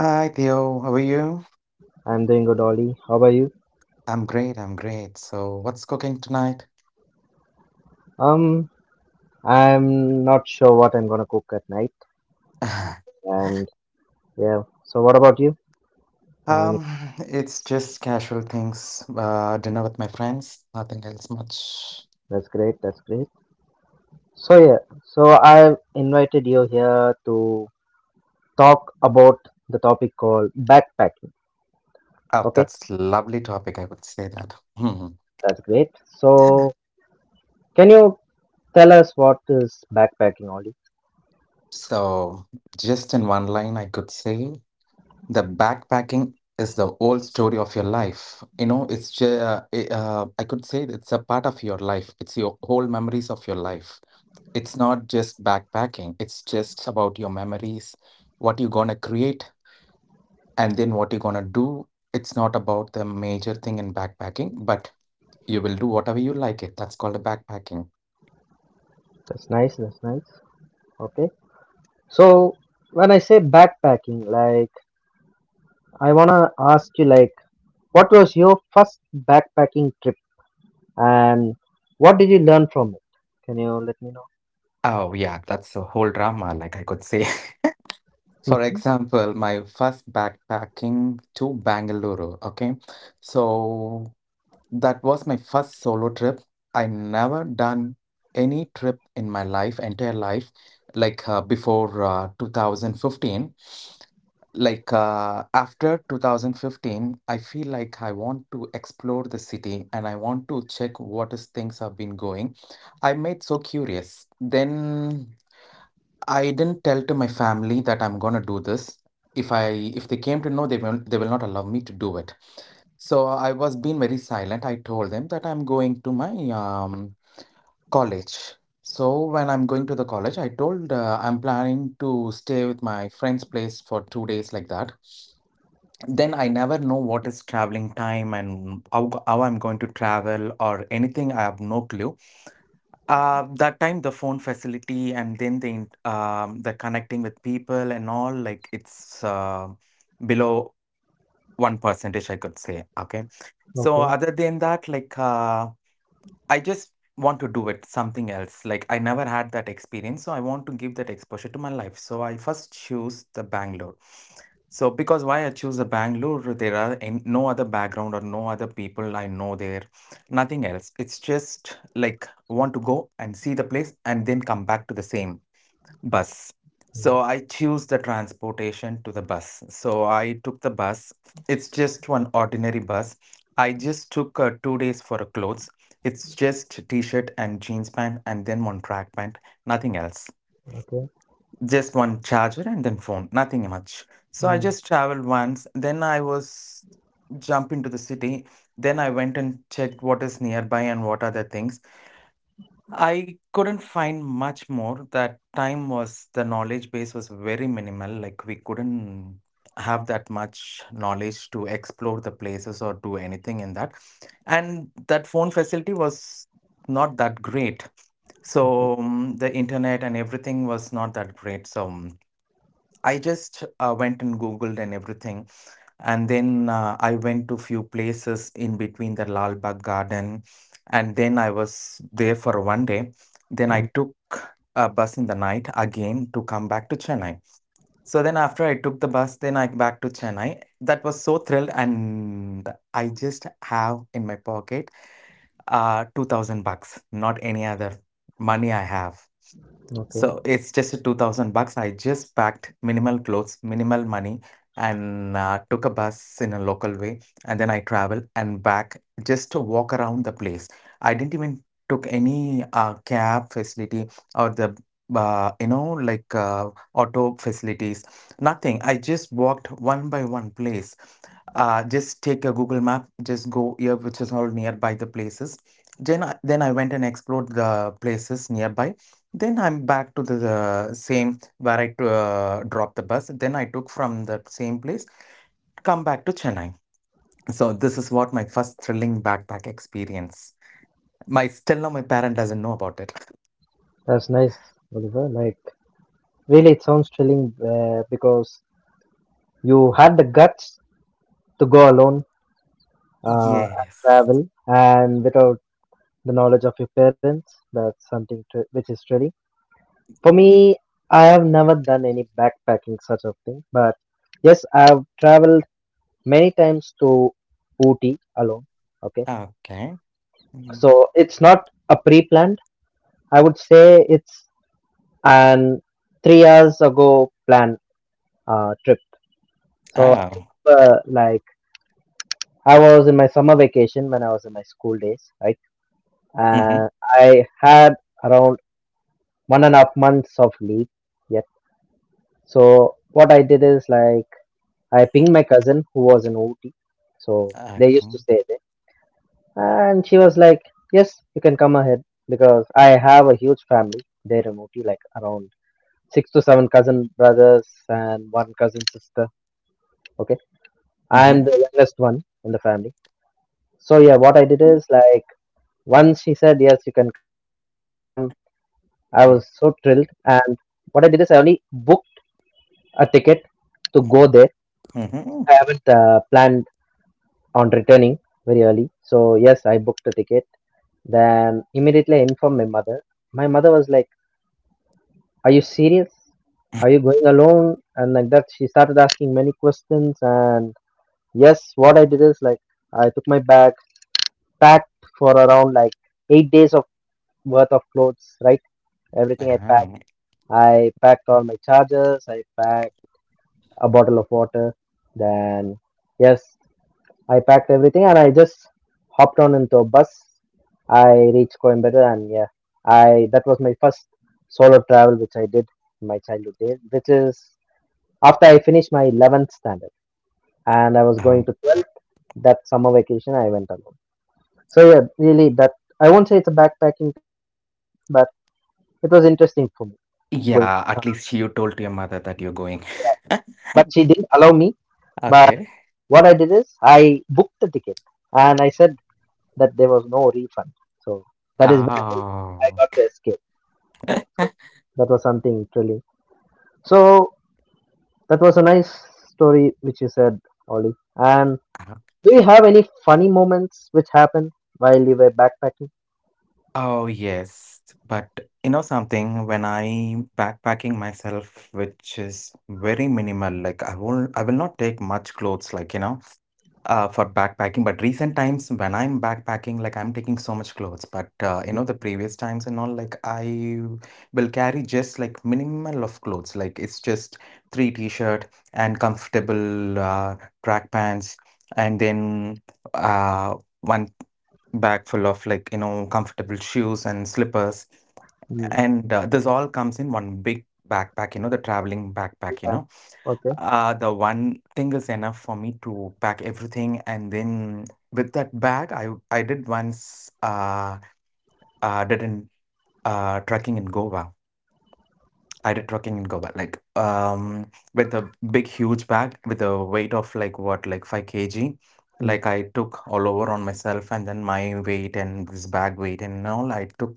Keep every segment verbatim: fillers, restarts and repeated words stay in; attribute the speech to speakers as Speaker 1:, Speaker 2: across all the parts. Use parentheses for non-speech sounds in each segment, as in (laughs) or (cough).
Speaker 1: Hi Theo, how are you? I'm great, I'm great. So, what's cooking tonight? (laughs) Um, it's just casual things. Uh, dinner with my friends, nothing else much. Oh, that's lovely topic, I would say that. (laughs) Hmm. So, just in one line, I could say the backpacking is the whole story of your life. You know, it's just, uh, i- uh, I could say it's a part of your life. It's your whole memories of your life. It's not just backpacking, it's just about your memories, what you're going to create, and then what you're going to do. It's not about the major thing in backpacking, but you will do whatever you like it. That's called a backpacking. Oh yeah, that's a whole drama, like I could say. (laughs) For example, my first backpacking to Bangalore. Okay, so that was my first solo trip. I never done any trip in my life, entire life, like uh, before uh, two thousand fifteen. Like uh, after two thousand fifteen, I feel like I want to explore the city and I want to check what is things have been going. I made so curious. Then I didn't tell to my family that I'm gonna do this. If I if they came to know, they will they will not allow me to do it. So uh, I was being very silent. I told them that I'm going to my um, college. So when I'm going to the college, I told uh, I'm planning to stay with my friend's place for two days like that. Then I never know what is traveling time and how, go- how I'm going to travel or anything. I have no clue. Uh, that time the phone facility and then the in- um, the connecting with people and all, like it's uh, below one percentage, I could say, okay? So other than that, like, uh, I just want to do it, something else. Like, I never had that experience, so I want to give that exposure to my life. So I first choose the Bangalore. So because why I choose the Bangalore, there are an- no other background or no other people I know there, nothing else. It's just like want to go and see the place and then come back to the same. Bus. So I choose the transportation to the bus. So I took the bus. It's just one ordinary bus. I just took uh, two days for uh, clothes. It's just t-shirt and jeans pant and then one track pant, nothing else. Just one charger and then phone, nothing much. So I just traveled once. Then I was jump into the city. Then I went and checked what is nearby and what are the things. I couldn't find much more. That time was the knowledge base was very minimal. Like we couldn't have that much knowledge to explore the places or do anything in that. And that phone facility was not that great. So mm, the internet and everything was not that great. So mm, I just uh, went and Googled and everything, and then uh, I went to few places in between the Lal Bagh Garden, and then I was there for one day. Then I
Speaker 2: Mm,
Speaker 1: took a bus in the night again to come back to Chennai. So then after I took the bus, then I back to Chennai. That was so thrilled, and I just have in my pocket uh two thousand bucks, not any other money I have. So
Speaker 2: okay,
Speaker 1: it's just a two thousand bucks. I just packed minimal clothes, minimal money, and uh, took a bus in a local way. And then I traveled and back just to walk around the place. I didn't even took any uh, cab facility or the uh, you know like uh, auto facilities. Nothing. I just walked one by one place. Uh, just take a Google map, just go here, which is all nearby the places. Then I, then I went and explored the places nearby, then I'm back to the uh, same where I uh, dropped the bus. Then I took from that same place, come back to Chennai. So this is what my first thrilling backpack experience. My still now my parent doesn't know about it.
Speaker 2: that's nice, Oliver. Like, really, it sounds thrilling uh, because you had the guts to go alone, uh, and
Speaker 1: Yes.
Speaker 2: travel, and without the knowledge of your parents, that's something thr- which is thrilling. For me, I have never done any backpacking such a thing, but yes, I've traveled many times to Ooty alone. Okay,
Speaker 1: Okay. Mm.
Speaker 2: so it's not a pre-planned. I would say it's an three hours ago plan uh, trip. So I
Speaker 1: Oh.
Speaker 2: remember, like I was in my summer vacation when I was in my school days, right?
Speaker 1: Mm-hmm.
Speaker 2: And I had around one and a half months of leave yet. So what I did is like I pinged my cousin who was in Ooty. So they used to
Speaker 1: Okay.
Speaker 2: stay there. And she was like, yes, you can come ahead, because I have a huge family there in Ooty, like around six to seven cousin brothers and one cousin sister. Okay.
Speaker 1: Mm-hmm.
Speaker 2: I'm the youngest one in the family. So yeah, what I did is like once she said, yes, you can come, I was so thrilled.
Speaker 1: Mm-hmm.
Speaker 2: And what I did is, I only booked a ticket to go there.
Speaker 1: Mm-hmm.
Speaker 2: I haven't uh, planned on returning very early. So, yes, I booked a ticket. Then immediately I informed my mother. My mother was like, are you serious? Are you going alone? And like that, she started asking many questions. And yes, what I did is, like, I took my bag, packed for around like eight days of worth of clothes, right? Everything I packed.
Speaker 1: Um,
Speaker 2: I packed all my chargers, I packed a bottle of water, then yes, I packed everything and I just hopped on into a bus. I reached Coimbatore and yeah, I that was my first solo travel which I did in my childhood days, which is after I finished my eleventh standard and I was going
Speaker 1: um,
Speaker 2: to twelfth, that summer vacation I went alone. So yeah, really that I won't say it's a backpacking thing, but it was interesting for me going. Uh,
Speaker 1: yeah, at least you told your mother that you're going.
Speaker 2: but she didn't allow me, but
Speaker 1: Okay.
Speaker 2: what I did is I booked the ticket and I said that there was no refund. So that is when I
Speaker 1: Oh.
Speaker 2: got to escape. That was something thrilling. So that was a nice story which you said, Ollie. And
Speaker 1: (laughs)
Speaker 2: do you have any funny moments which happened while you were backpacking?
Speaker 1: Oh, yes. But you know something, when I'm backpacking myself, which is very minimal, like I won't I will not take much clothes, like you know. Uh, for backpacking, but recent times when I'm backpacking, like I'm taking so much clothes, but uh, you
Speaker 2: Mm,
Speaker 1: know, the previous times and all, like I will carry just like minimal of clothes, like it's just three t-shirt and comfortable uh, track pants, and then uh, one bag full of like you know comfortable shoes and slippers,
Speaker 2: mm,
Speaker 1: and uh, this all comes in one big backpack, you know, the traveling backpack, you
Speaker 2: yeah.
Speaker 1: know,
Speaker 2: Okay.
Speaker 1: uh, the one thing is enough for me to pack everything, and then with that bag, I I did once uh uh did in uh trekking in Goa. I did trekking in Goa, like um with a big huge bag with a weight of like what like five k g.
Speaker 2: Mm,
Speaker 1: Like I took all over on myself, and then my weight and this bag weight and all I took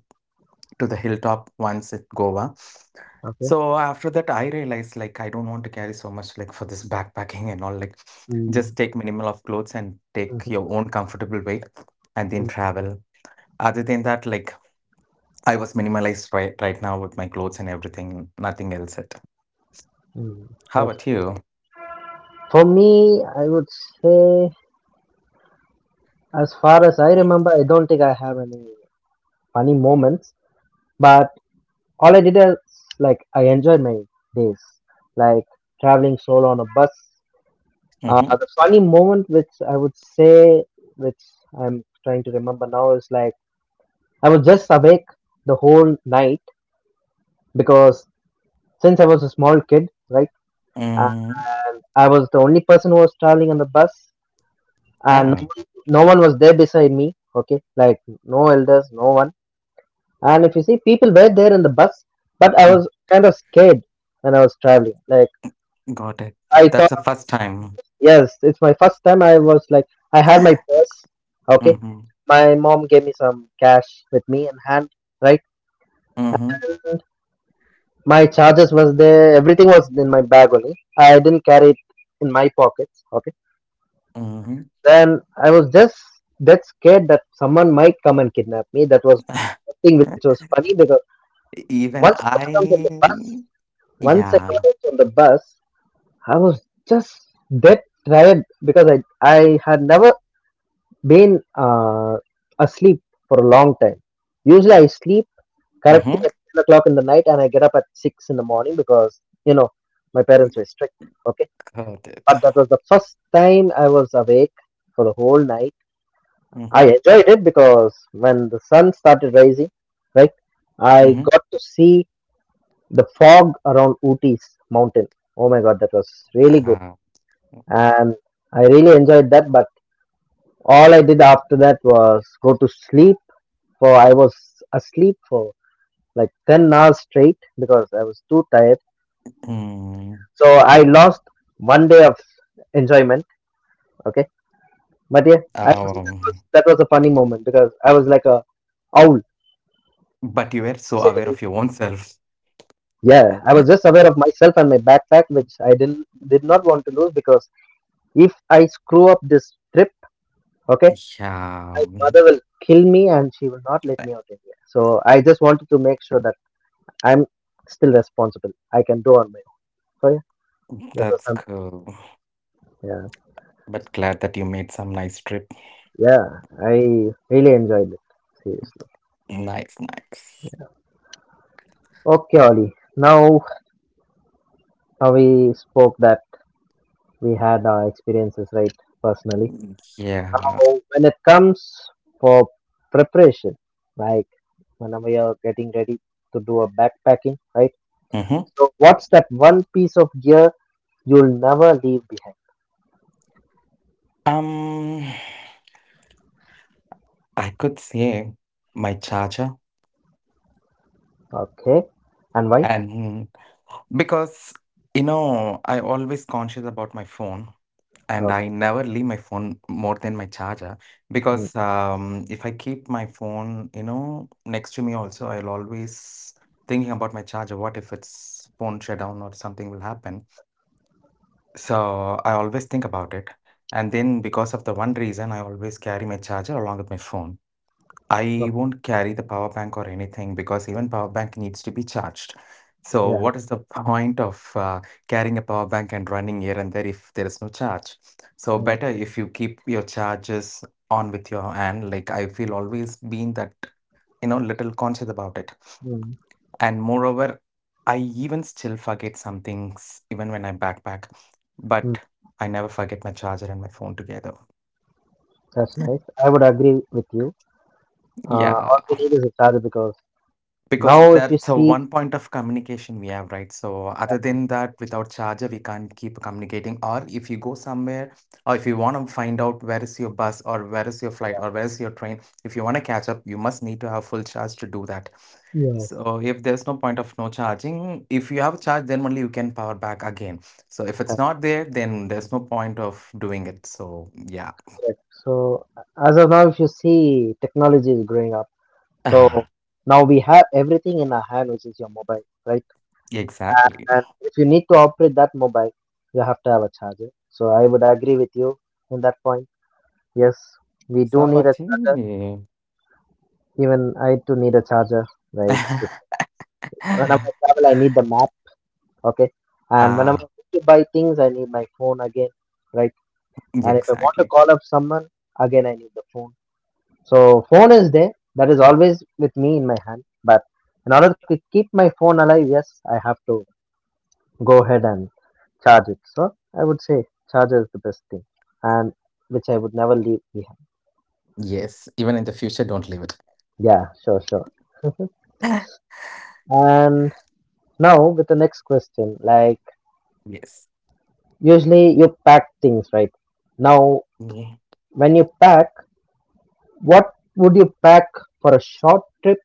Speaker 1: to the hilltop once at Goa.
Speaker 2: okay.
Speaker 1: So after that, I realized like I don't want to carry so much like for this backpacking and all. Like, just
Speaker 2: Mm,
Speaker 1: take minimal of clothes and take
Speaker 2: mhm,
Speaker 1: your own comfortable weight, and then
Speaker 2: mm,
Speaker 1: travel. Other than that, like I was minimalized right right now with my clothes and everything, nothing else. It.
Speaker 2: mm.
Speaker 1: How
Speaker 2: That's-
Speaker 1: about you?
Speaker 2: For me, I would say, as far as I remember, I don't think I have any funny moments. But all I did is like I enjoyed my days, like traveling solo on a bus. Uh,
Speaker 1: Mm-hmm.
Speaker 2: the funny moment, which I would say, which I'm trying to remember now, is like I was just awake the whole night because since I was a small kid, right, uh,
Speaker 1: Mm.
Speaker 2: I was the only person who was traveling on the bus, and no
Speaker 1: Ah,
Speaker 2: one, no one was there beside me. Okay, like no elders, no one. And if you see, people were there in the bus, but I
Speaker 1: mm,
Speaker 2: was kind of scared when I was traveling. Like
Speaker 1: got it.
Speaker 2: I
Speaker 1: That's
Speaker 2: thought.
Speaker 1: the first time.
Speaker 2: Yes, it's my first time. I was like, I had my purse. Okay.
Speaker 1: Mm-hmm.
Speaker 2: My mom gave me some cash with me in hand, right?
Speaker 1: Mm-hmm.
Speaker 2: And my charges was there. Everything was in my bag only. I didn't carry it in my pockets. Okay.
Speaker 1: Mm-hmm.
Speaker 2: Then I was just that scared that someone might come and kidnap me. That was
Speaker 1: (laughs)
Speaker 2: the thing which was funny because
Speaker 1: Even
Speaker 2: once I got down from the bus,
Speaker 1: I.
Speaker 2: once I
Speaker 1: Yeah.
Speaker 2: got out from the bus, I was just dead tired because I I had never been uh, asleep for a long time. Usually, I sleep correctly
Speaker 1: Mm-hmm.
Speaker 2: at ten o'clock in the night and I get up at six in the morning because, you know, my parents were strict. Okay.
Speaker 1: Got it.
Speaker 2: But that was the first time I was awake for the whole night. I
Speaker 1: Mm-hmm.
Speaker 2: enjoyed it because when the sun started rising, right, I
Speaker 1: Mm-hmm.
Speaker 2: got to see the fog around Ooty's mountain. Oh my God, that was really good.
Speaker 1: Ah. Mm,
Speaker 2: And I really enjoyed that. But all I did after that was go to sleep for I was asleep for like ten hours straight because I was too tired. So I lost one day of enjoyment. Okay. But yeah, I would
Speaker 1: um,
Speaker 2: say that was, that was a funny moment because I was like a owl
Speaker 1: but you were
Speaker 2: sitting.
Speaker 1: so aware of your own self.
Speaker 2: Yeah, I was just aware
Speaker 1: (laughs)
Speaker 2: of myself and my backpack, which I didn't did not want to lose because if I screw up this trip, okay,
Speaker 1: Yeah,
Speaker 2: my
Speaker 1: mm,
Speaker 2: mother will kill me and she will not let
Speaker 1: I-
Speaker 2: me out in here. So I just wanted to make sure that I'm still responsible. I can do on my own. So yeah. That was
Speaker 1: that's
Speaker 2: some,
Speaker 1: cool.
Speaker 2: yeah,
Speaker 1: But glad that you made some nice trip.
Speaker 2: yeah. I really enjoyed it. Seriously.
Speaker 1: Nice, nice.
Speaker 2: Okay, Ollie. Now, now we spoke that we had our experiences, right? Personally.
Speaker 1: Yeah.
Speaker 2: Now, when it comes for preparation, like whenever you're getting ready to do a backpacking, right?
Speaker 1: Mm-hmm.
Speaker 2: So, what's that one piece of gear you'll never leave behind?
Speaker 1: Um, I could say my charger,
Speaker 2: Okay. And why?
Speaker 1: and because you know, I always conscious about my phone. And I
Speaker 2: Okay.
Speaker 1: never leave my phone more than my charger
Speaker 2: Mm.
Speaker 1: because um, if I keep my phone, you know, next to me also, I'll always thinking about my charger. What if its phone shut down or something will happen? So I always think about it. And then because of the one reason, I always carry my charger along with my phone.
Speaker 2: Oh,
Speaker 1: I won't carry the power bank or anything because even power bank needs to be charged. So
Speaker 2: yeah.
Speaker 1: what is the point of uh, carrying a power bank and running here and there if there is no charge? So
Speaker 2: Correct.
Speaker 1: better if you keep your charges on with your hand. Like I feel always been that, you know, little conscious about it.
Speaker 2: Mm.
Speaker 1: And moreover, I even still forget some things even when I backpack,
Speaker 2: Mm.
Speaker 1: but I never forget my charger and my phone together.
Speaker 2: That's nice. I would agree with you. Uh,
Speaker 1: Yeah.
Speaker 2: all we need is a charger because now if
Speaker 1: Because
Speaker 2: you
Speaker 1: that's
Speaker 2: see,
Speaker 1: a one point of communication we have, right? So other than that, without charger, we can't keep communicating. Or if you go somewhere, or if you want to find out where is your bus or where is your flight or where is your train, if you want to catch up, you must need to have full charge to do that.
Speaker 2: yes.
Speaker 1: So if there's no point of no charging, if you have charge, then only you can power back again. So if it's
Speaker 2: That's
Speaker 1: not there, then there's no point of doing it. So yeah,
Speaker 2: correct. So as of now, if you see technology is growing up, so
Speaker 1: (sighs)
Speaker 2: now we have everything in our hand, which is your mobile, right?
Speaker 1: exactly.
Speaker 2: And if you need to operate that mobile, you have to have a charger. So I would agree with you in that point. Yes, we do need a
Speaker 1: Sabati.
Speaker 2: charger. Even I too need a charger, right? If-
Speaker 1: (laughs)
Speaker 2: Whenever I travel, I need the map, okay? And whenever I
Speaker 1: Ah.
Speaker 2: need to buy things, I need my phone again, right?
Speaker 1: Yeah,
Speaker 2: And if I want to
Speaker 1: exactly.
Speaker 2: call up someone, again I need the phone. So phone is there, that is always with me in my hand. But in order to keep my phone alive, yes, I have to go ahead and charge it. So I would say charger is the best thing, and which I would never leave behind.
Speaker 1: Yes, even in the future, don't leave it.
Speaker 2: Yeah, sure, sure. (laughs) And now with the next question, like
Speaker 1: Yes.
Speaker 2: usually you pack things, right? Now,
Speaker 1: Yeah.
Speaker 2: when you pack, what would you pack for a short trip?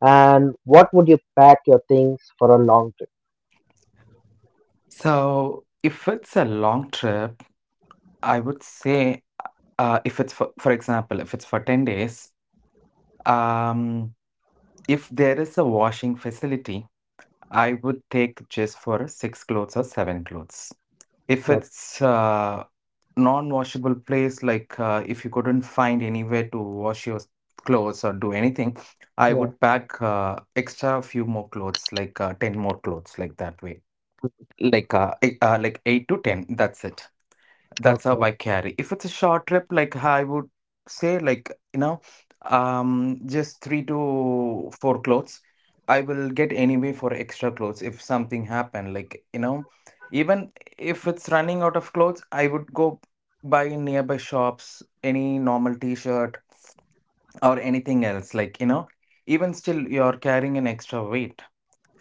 Speaker 2: And what would you pack your things for a long trip?
Speaker 1: So if it's a long trip, I would say, uh, if it's for, for example, if it's for ten days, um, if there is a washing facility, I would take just for six clothes or seven clothes. If
Speaker 2: That,
Speaker 1: it's uh, non-washable place like uh, if you couldn't find anywhere to wash your clothes or do anything, I
Speaker 2: yeah.
Speaker 1: would pack uh, extra few more clothes like uh, ten more clothes like that way,
Speaker 2: Mm,
Speaker 1: like uh, eight, uh like eight to ten, that's it. That's
Speaker 2: okay.
Speaker 1: how I carry. If it's a short trip, like I would say, like, you know, um, just three to four clothes. I will get anyway for extra clothes if something happen. Like, you know, even if it's running out of clothes, I would go buy in nearby shops any normal t-shirt or anything else. Like, you know, even still you're carrying an extra weight.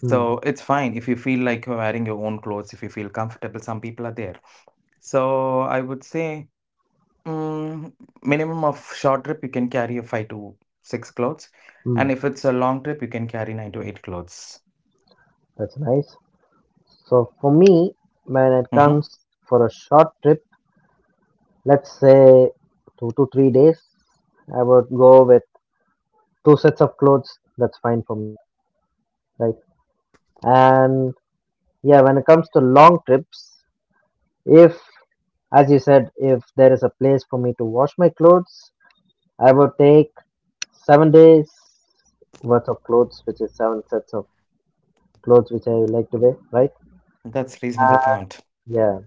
Speaker 2: Hmm.
Speaker 1: it's fine if you feel like you're wearing your own clothes, if you feel comfortable. Some people are there. So I would say. Mm, minimum of short trip, you can carry a five to six clothes,
Speaker 2: Hmm.
Speaker 1: and if it's a long trip, you can carry nine to eight clothes.
Speaker 2: That's nice. So for me, when it
Speaker 1: Mm-hmm.
Speaker 2: comes for a short trip, let's say two to three days, I would go with two sets of clothes. That's fine for me, right? And yeah, when it comes to long trips, if as you said, if there is a place for me to wash my clothes, I would take seven days worth of clothes, which is seven sets of clothes which I like to wear, right?
Speaker 1: That's reasonable
Speaker 2: Uh,
Speaker 1: count.
Speaker 2: yeah.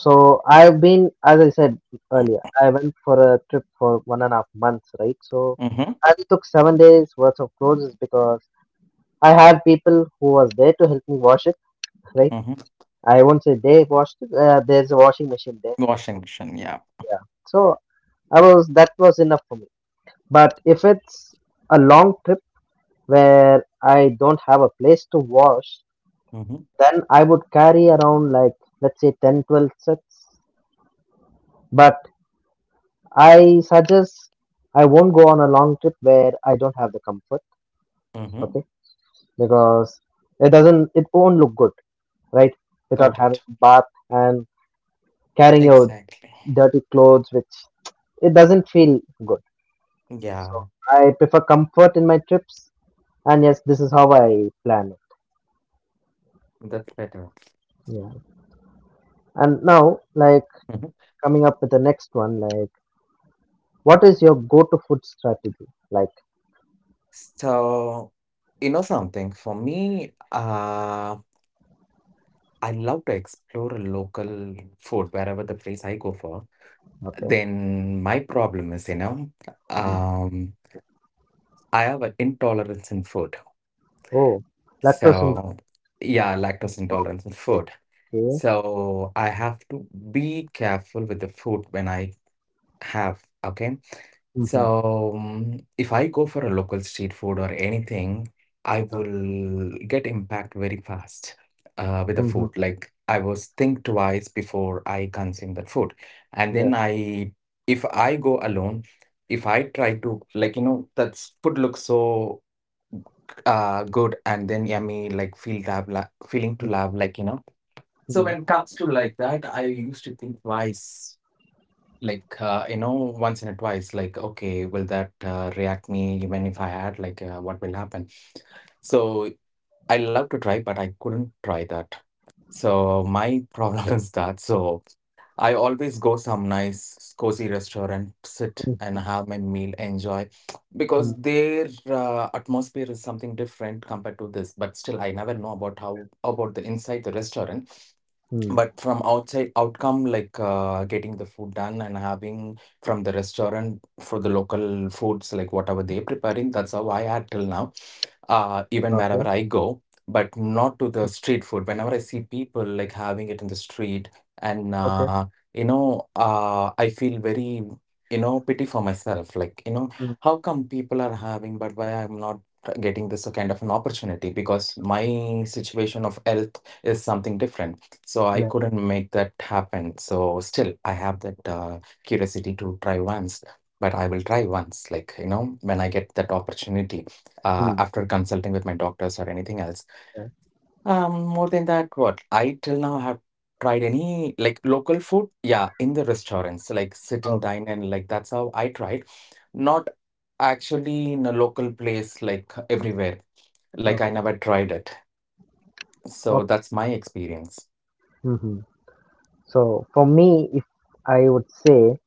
Speaker 2: So I've been, as I said earlier, I went for a trip for one and a half months, right? So
Speaker 1: Mm-hmm.
Speaker 2: I took seven days worth of clothes is because I had people who was there to help me wash it, right?
Speaker 1: Mm-hmm.
Speaker 2: I won't say they washed it. Uh, there's a washing machine there.
Speaker 1: Washing machine, yeah.
Speaker 2: Yeah. So I was that was enough for me. But if it's a long trip where I don't have a place to wash,
Speaker 1: Mm-hmm.
Speaker 2: then I would carry around like let's say ten, twelve sets. But I suggest I won't go on a long trip where I don't have the comfort, okay?
Speaker 1: Mm-hmm.
Speaker 2: Because it doesn't it won't look good, right? Without
Speaker 1: Got
Speaker 2: having
Speaker 1: it.
Speaker 2: a bath and carrying your
Speaker 1: Exactly.
Speaker 2: dirty clothes which it doesn't feel good. So
Speaker 1: Yeah,
Speaker 2: I prefer comfort in my trips and yes, this is how I plan it.
Speaker 1: that's better.
Speaker 2: Yeah. And now like
Speaker 1: Mm-hmm.
Speaker 2: coming up with the next one like what is your go to food strategy? Like
Speaker 1: So, you know something, for me, uh, I love to explore local food wherever the place I go for.
Speaker 2: okay.
Speaker 1: Then my problem is, you know,
Speaker 2: Mm.
Speaker 1: um. I have an intolerance in food.
Speaker 2: Oh, lactose intolerant.
Speaker 1: So, yeah, lactose intolerance in food.
Speaker 2: Okay.
Speaker 1: So, I have to be careful with the food when I have, okay?
Speaker 2: Mm-hmm.
Speaker 1: So, mm, if I go for a local street food or anything, I will get impact very fast uh, with the
Speaker 2: Mm-hmm.
Speaker 1: food. Like, I was think twice before I consume that food. And
Speaker 2: Yeah.
Speaker 1: then I, if I go alone, if I try to, like, you know, that food looks so uh good and then yummy like feel to have la- feeling to love, like, you know. So
Speaker 2: Mm-hmm.
Speaker 1: when it comes to like that, I used to think twice, like, uh, you know, once in a twice, like, okay, will that uh, react me even if I had, like, uh, what will happen. So I love to try, but I couldn't try that. So my problem (laughs) is that. So I always go some nice cozy restaurant, sit
Speaker 2: Mm-hmm.
Speaker 1: and have my meal, enjoy, because their uh, atmosphere is something different compared to this. But still, I never know about how about the inside the restaurant,
Speaker 2: Mm-hmm.
Speaker 1: but from outside outcome, like, uh, getting the food done and having from the restaurant for the local foods, like whatever they preparing, that's how I had till now, uh,
Speaker 2: Okay.
Speaker 1: even wherever I go, but
Speaker 2: Mm.
Speaker 1: not to the street food whenever I see people like having it in the street. And
Speaker 2: Okay.
Speaker 1: uh, you know, uh, I feel very, you know, pity for myself, like, you know,
Speaker 2: Mm.
Speaker 1: how come people are having but why I'm not getting this kind of an opportunity, because my situation of health is something different. So I
Speaker 2: Yeah.
Speaker 1: couldn't make that happen. So still, I have that uh, curiosity to try once, but I will try once, like, you know, when I get that opportunity uh,
Speaker 2: Mm.
Speaker 1: after consulting with my doctors or anything else.
Speaker 2: Yeah.
Speaker 1: Um, more than that, what I till now have tried any like local food, yeah, in the restaurants, like sit and
Speaker 2: Oh,
Speaker 1: dine, and like that's how I tried, not actually in a local place, like
Speaker 2: mm,
Speaker 1: everywhere. Like I
Speaker 2: okay.
Speaker 1: never tried it. So
Speaker 2: Okay.
Speaker 1: that's my experience.
Speaker 2: Mm-hmm. So for me, if I would say,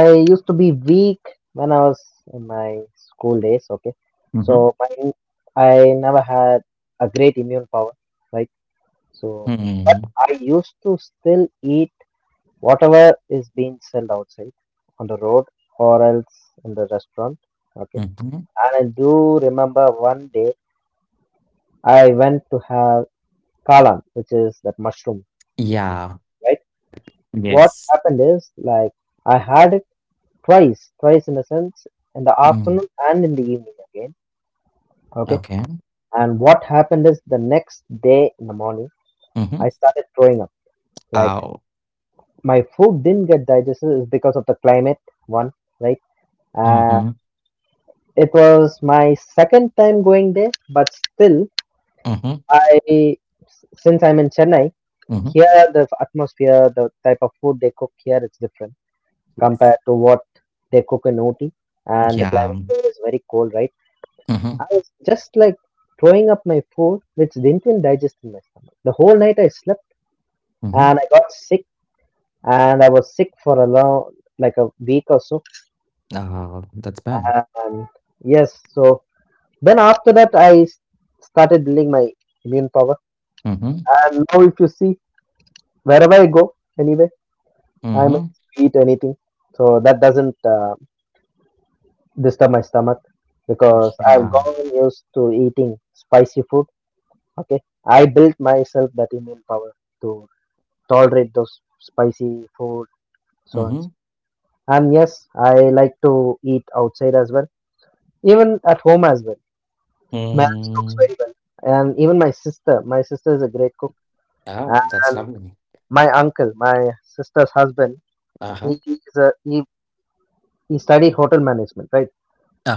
Speaker 2: I used to be weak when I was in my school days. Okay.
Speaker 1: Hmm.
Speaker 2: So my, I never had a great immune power, right? So, but
Speaker 1: Hmm.
Speaker 2: I used to still eat whatever is being sold outside on the road or else in the restaurant. Okay. And I do remember one day I went to have kalan, which is that mushroom,
Speaker 1: Yeah.
Speaker 2: right? What
Speaker 1: Yes.
Speaker 2: happened is like I had it twice, twice in a sense, in the
Speaker 1: Mm.
Speaker 2: afternoon and in the evening again. Okay.
Speaker 1: Okay.
Speaker 2: And what happened is the next day in the morning, I
Speaker 1: Mhm.
Speaker 2: started throwing up. Like
Speaker 1: Ow.
Speaker 2: my food didn't get digested is because of the climate, one, right?
Speaker 1: Mhm.
Speaker 2: It was my second time going there, but still,
Speaker 1: Mhm.
Speaker 2: I since I'm in Chennai,
Speaker 1: Mhm.
Speaker 2: here the atmosphere, the type of food they cook here, it's different compared
Speaker 1: Yes.
Speaker 2: to what they cook in O T. And the
Speaker 1: Yeah.
Speaker 2: climate here is very cold, right?
Speaker 1: Mhm.
Speaker 2: I was just like throwing up my food, which didn't even digest in my stomach. The whole night I slept
Speaker 1: Mhm.
Speaker 2: and I got sick, and I was sick for a long, like a week or so.
Speaker 1: Oh, that's bad.
Speaker 2: And yes, so then after that, I s- started building my immune power.
Speaker 1: Mhm.
Speaker 2: And now, if you see, wherever I go, anyway, I may
Speaker 1: Mhm.
Speaker 2: eat anything, so that doesn't uh, disturb my stomach because I've
Speaker 1: Yeah.
Speaker 2: gotten used to eating spicy food. Okay, I built myself that immune power to tolerate those spicy food, so on.
Speaker 1: Mhm.
Speaker 2: And yes, I like to eat outside as well, even at home as well. Marriage cooks
Speaker 1: Mm.
Speaker 2: very well, and even my sister. My sister is a great cook,
Speaker 1: Oh, that's
Speaker 2: and
Speaker 1: lovely.
Speaker 2: my uncle, my sister's husband, he
Speaker 1: Uh-huh.
Speaker 2: is a he He studied hotel management, right?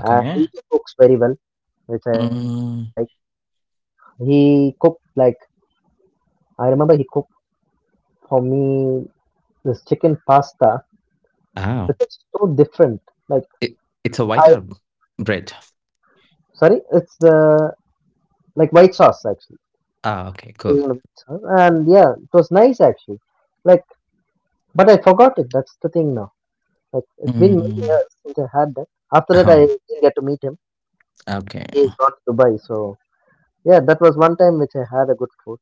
Speaker 2: And he cooks very well, which I like.
Speaker 1: Mm.
Speaker 2: He cooked like I remember he cooked for me this chicken pasta, which
Speaker 1: Oh.
Speaker 2: is so different. Like
Speaker 1: It, it's a white
Speaker 2: I
Speaker 1: herb bread.
Speaker 2: sorry, it's the like white sauce actually.
Speaker 1: Ah, okay,
Speaker 2: It was
Speaker 1: cool.
Speaker 2: on a white sauce. And yeah, it was nice actually. Like but I forgot it, that's the thing now. Like it's been many
Speaker 1: Mm.
Speaker 2: years since I had that. After that I
Speaker 1: Oh,
Speaker 2: didn't get to meet him.
Speaker 1: okay.
Speaker 2: He's gone to Dubai, so yeah, that was one time which I had a good food.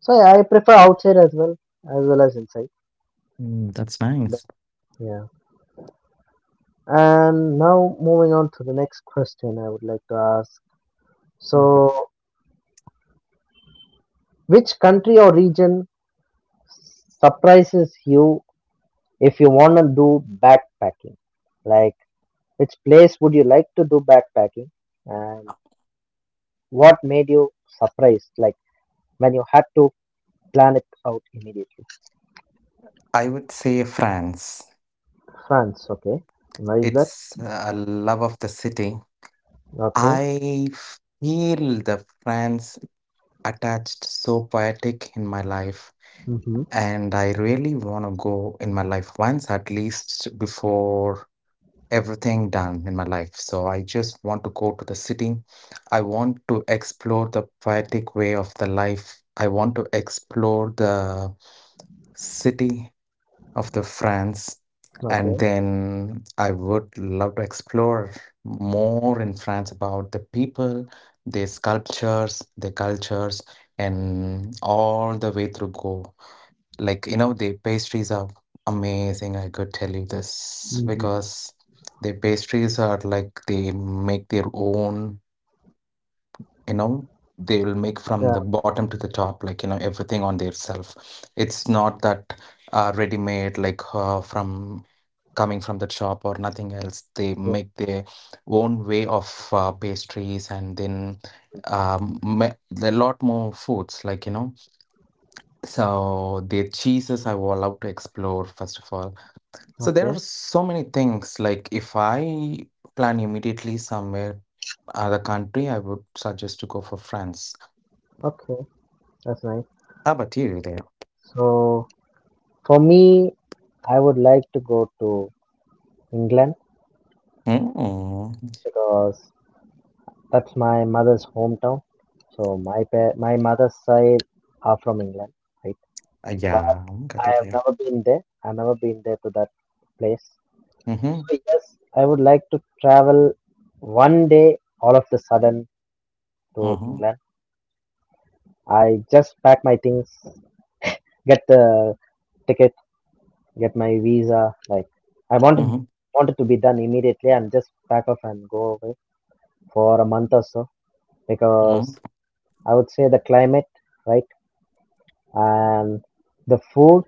Speaker 2: So yeah, I prefer outside as well, as well as inside.
Speaker 1: Mm, that's
Speaker 2: But
Speaker 1: nice.
Speaker 2: yeah. And now moving on to the next question I would like to ask.
Speaker 1: Okay.
Speaker 2: So which country or region surprises you if you wanna do backpacking? Like which place would you like to do backpacking and what made you surprised like when you had to plan it out immediately?
Speaker 1: I would say France.
Speaker 2: France, okay. Why is that?
Speaker 1: It's a love of the city.
Speaker 2: Okay.
Speaker 1: I feel the France attached so poetic in my life,
Speaker 2: Mm-hmm.
Speaker 1: and I really want to go in my life once at least before everything done in my life. So I just want to go to the city. I want to explore the poetic way of the life. I want to explore the city of the France, and
Speaker 2: Okay.
Speaker 1: then I would love to explore more in France about the people, their sculptures, their cultures, and all the way through Go. Like, you know, their pastries are amazing, I could tell you this,
Speaker 2: Mm-hmm.
Speaker 1: because their pastries are like they make their own, you know, they will
Speaker 2: Yeah,
Speaker 1: make from the bottom to the top, like, you know, everything on their self. It's not that uh, ready made like uh, from coming from the shop or nothing else. They
Speaker 2: yeah.
Speaker 1: make their own way of uh, pastries and then um, ma- there are a lot more foods, like, you know. So the cheeses I will love to explore, first of all. So there
Speaker 2: Okay.
Speaker 1: are so many things. Like if I plan immediately somewhere other country, I would suggest to go for France.
Speaker 2: Okay, that's nice.
Speaker 1: How about you there?
Speaker 2: So for me, I would like to go to England
Speaker 1: Mm.
Speaker 2: because that's my mother's hometown. So my pa- my mother's side are from England, right?
Speaker 1: Uh,
Speaker 2: But
Speaker 1: Yeah, got
Speaker 2: I
Speaker 1: it
Speaker 2: have
Speaker 1: there.
Speaker 2: never been there. I've never been there to that place.
Speaker 1: Mm-hmm.
Speaker 2: So yes, I would like to travel one day all of the sudden to England.
Speaker 1: Mm-hmm.
Speaker 2: I just pack my things, get the ticket get my visa. Like I wanted
Speaker 1: Mm-hmm.
Speaker 2: wanted to be done immediately and just pack up and go away for a month or so because
Speaker 1: Mm-hmm.
Speaker 2: I would say the climate, right, and the food,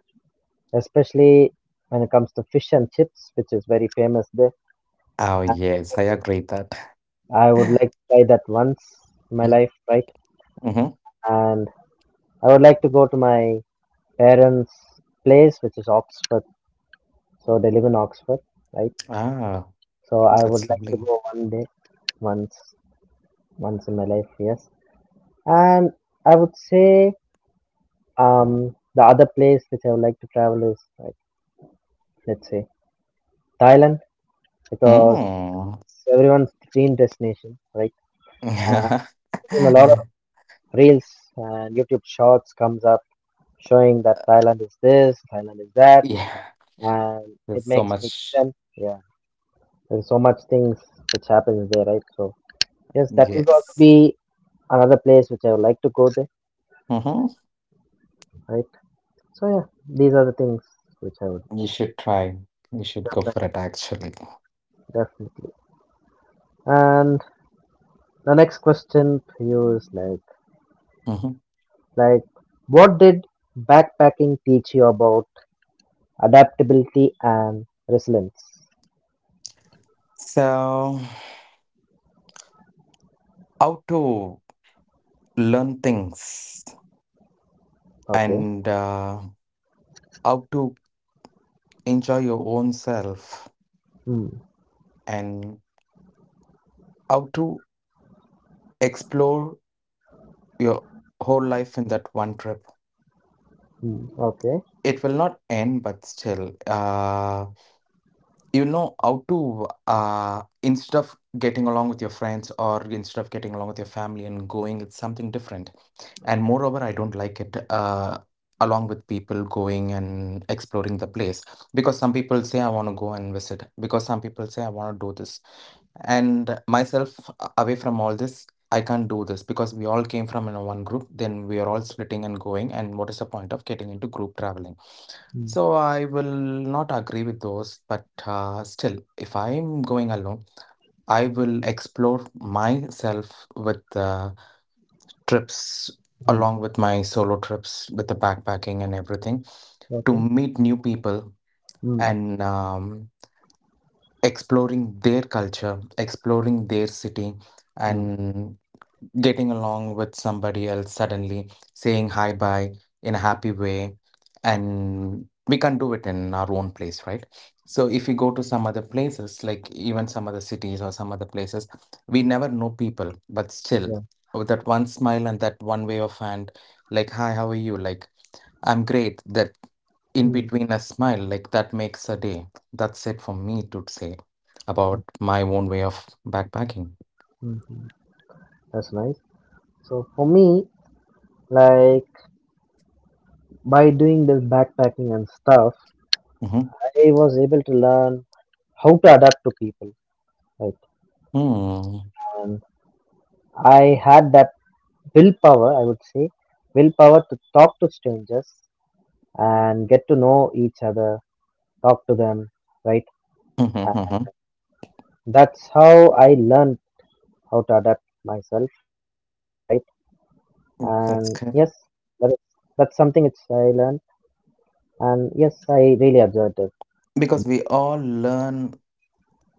Speaker 2: especially when it comes to fish and chips, which is very famous there.
Speaker 1: Oh
Speaker 2: I
Speaker 1: yes, I agree that.
Speaker 2: I would like to try that once in my
Speaker 1: (laughs)
Speaker 2: life, right?
Speaker 1: Mhm.
Speaker 2: And I would like to go to my parents' place, which is Oxford. So they live in Oxford, right?
Speaker 1: Ah,
Speaker 2: So I
Speaker 1: that's
Speaker 2: would like
Speaker 1: lovely.
Speaker 2: to go one day, once, once in my life. Yes. And I would say um, the other place which I would like to travel is like let's say Thailand because
Speaker 1: Mm.
Speaker 2: it's everyone's dream destination, right? And in a lot of
Speaker 1: (laughs)
Speaker 2: reels and YouTube shorts comes up showing that Thailand is this, Thailand is that,
Speaker 1: Yeah,
Speaker 2: and it
Speaker 1: there's so
Speaker 2: makes me
Speaker 1: much.
Speaker 2: sense. Yeah, there's so much things which happens there, right? So yes, that would also
Speaker 1: Yes.
Speaker 2: be another place which I would like to go there,
Speaker 1: Hmm.
Speaker 2: right? So yeah, these are the things which I would
Speaker 1: You should try. You should go
Speaker 2: expect
Speaker 1: for it, actually.
Speaker 2: definitely. And the next question for you is like,
Speaker 1: Hmm.
Speaker 2: like, what did backpacking teach you about adaptability and resilience?
Speaker 1: So, how to learn things
Speaker 2: Okay.
Speaker 1: and uh, how to enjoy your own self,
Speaker 2: Hmm.
Speaker 1: and how to explore your whole life in that one trip.
Speaker 2: Hmm. Okay.
Speaker 1: It will not end, but still. Uh. You know, how to, uh instead of getting along with your friends, or instead of getting along with your family and going, it's something different. And moreover, I don't like it, uh along with people going and exploring the place, because some people say I want to go and visit, because some people say I want to do this, and myself uh, away from all this. I can't do this because we all came from in a one group, then we are all splitting and going, and what is the point of getting into group traveling?
Speaker 2: Hmm.
Speaker 1: So I will not agree with those, but uh, still, if I'm going alone, I will explore myself with uh, trips
Speaker 2: Hmm.
Speaker 1: along with my solo trips with the backpacking and everything to
Speaker 2: Okay.
Speaker 1: meet new people,
Speaker 2: Hmm.
Speaker 1: and um, exploring their culture, exploring their city,
Speaker 2: Hmm.
Speaker 1: and getting along with somebody else suddenly, saying hi bye in a happy way. And we can't do it in our own place, right? So if we go to some other places, like even some other cities or some other places, we never know people, but still
Speaker 2: Yeah.
Speaker 1: with that one smile and that one wave of hand, like, hi, how are you? Like, I'm great. That in
Speaker 2: Hmm.
Speaker 1: between a smile, like that makes a day. That's it for me to say about my own way of backpacking.
Speaker 2: Hmm. Hmm. That's nice. So for me, like by doing this backpacking and stuff,
Speaker 1: Hmm.
Speaker 2: I was able to learn how to adapt to people. Like, and I had that willpower, I would say, willpower to talk to strangers and get to know each other, talk to them, right? And
Speaker 1: Hmm. (laughs)
Speaker 2: that's how I learned how to adapt myself, right? And
Speaker 1: Mm,
Speaker 2: yes,
Speaker 1: that's good.
Speaker 2: that is, that's something which I learned, and yes, I really observed it.
Speaker 1: Because we all learn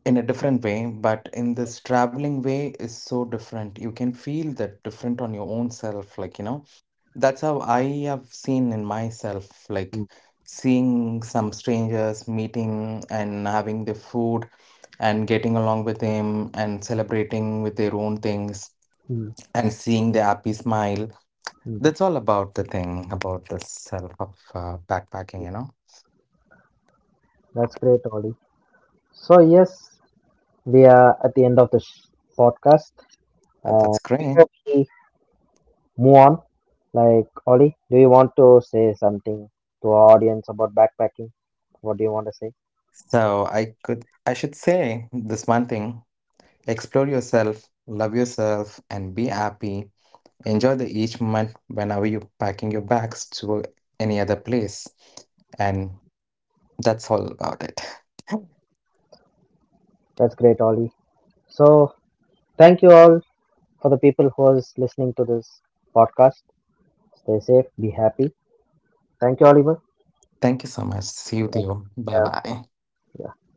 Speaker 1: in a different way, but in this traveling way is so different. You can feel that different on your own self, like, you know. That's how I have seen in myself, like
Speaker 2: Mm,
Speaker 1: seeing some strangers, meeting and having the food and getting along with them and celebrating with their own things
Speaker 2: mm,
Speaker 1: and seeing the happy smile.
Speaker 2: mm.
Speaker 1: That's all about the thing about the self of uh, backpacking,
Speaker 2: Yeah,
Speaker 1: you know.
Speaker 2: that's great, Ollie. So yes, we are at the end of the sh- podcast.
Speaker 1: And
Speaker 2: Uh,
Speaker 1: that's great.
Speaker 2: before we move on, like Ollie, do you want to say something to our audience about backpacking? What do you want to say?
Speaker 1: So I could, I should say this one thing. Explore yourself, love yourself, and be happy. Enjoy the each moment whenever you're packing your bags to any other place. And that's all about it. (laughs)
Speaker 2: That's great, Ollie. So, thank you all for the people who is listening to this podcast. Stay safe, be happy. Thank you, Oliver.
Speaker 1: Thank you so much. See you, Theo. Bye
Speaker 2: Yeah,
Speaker 1: bye.
Speaker 2: yeah.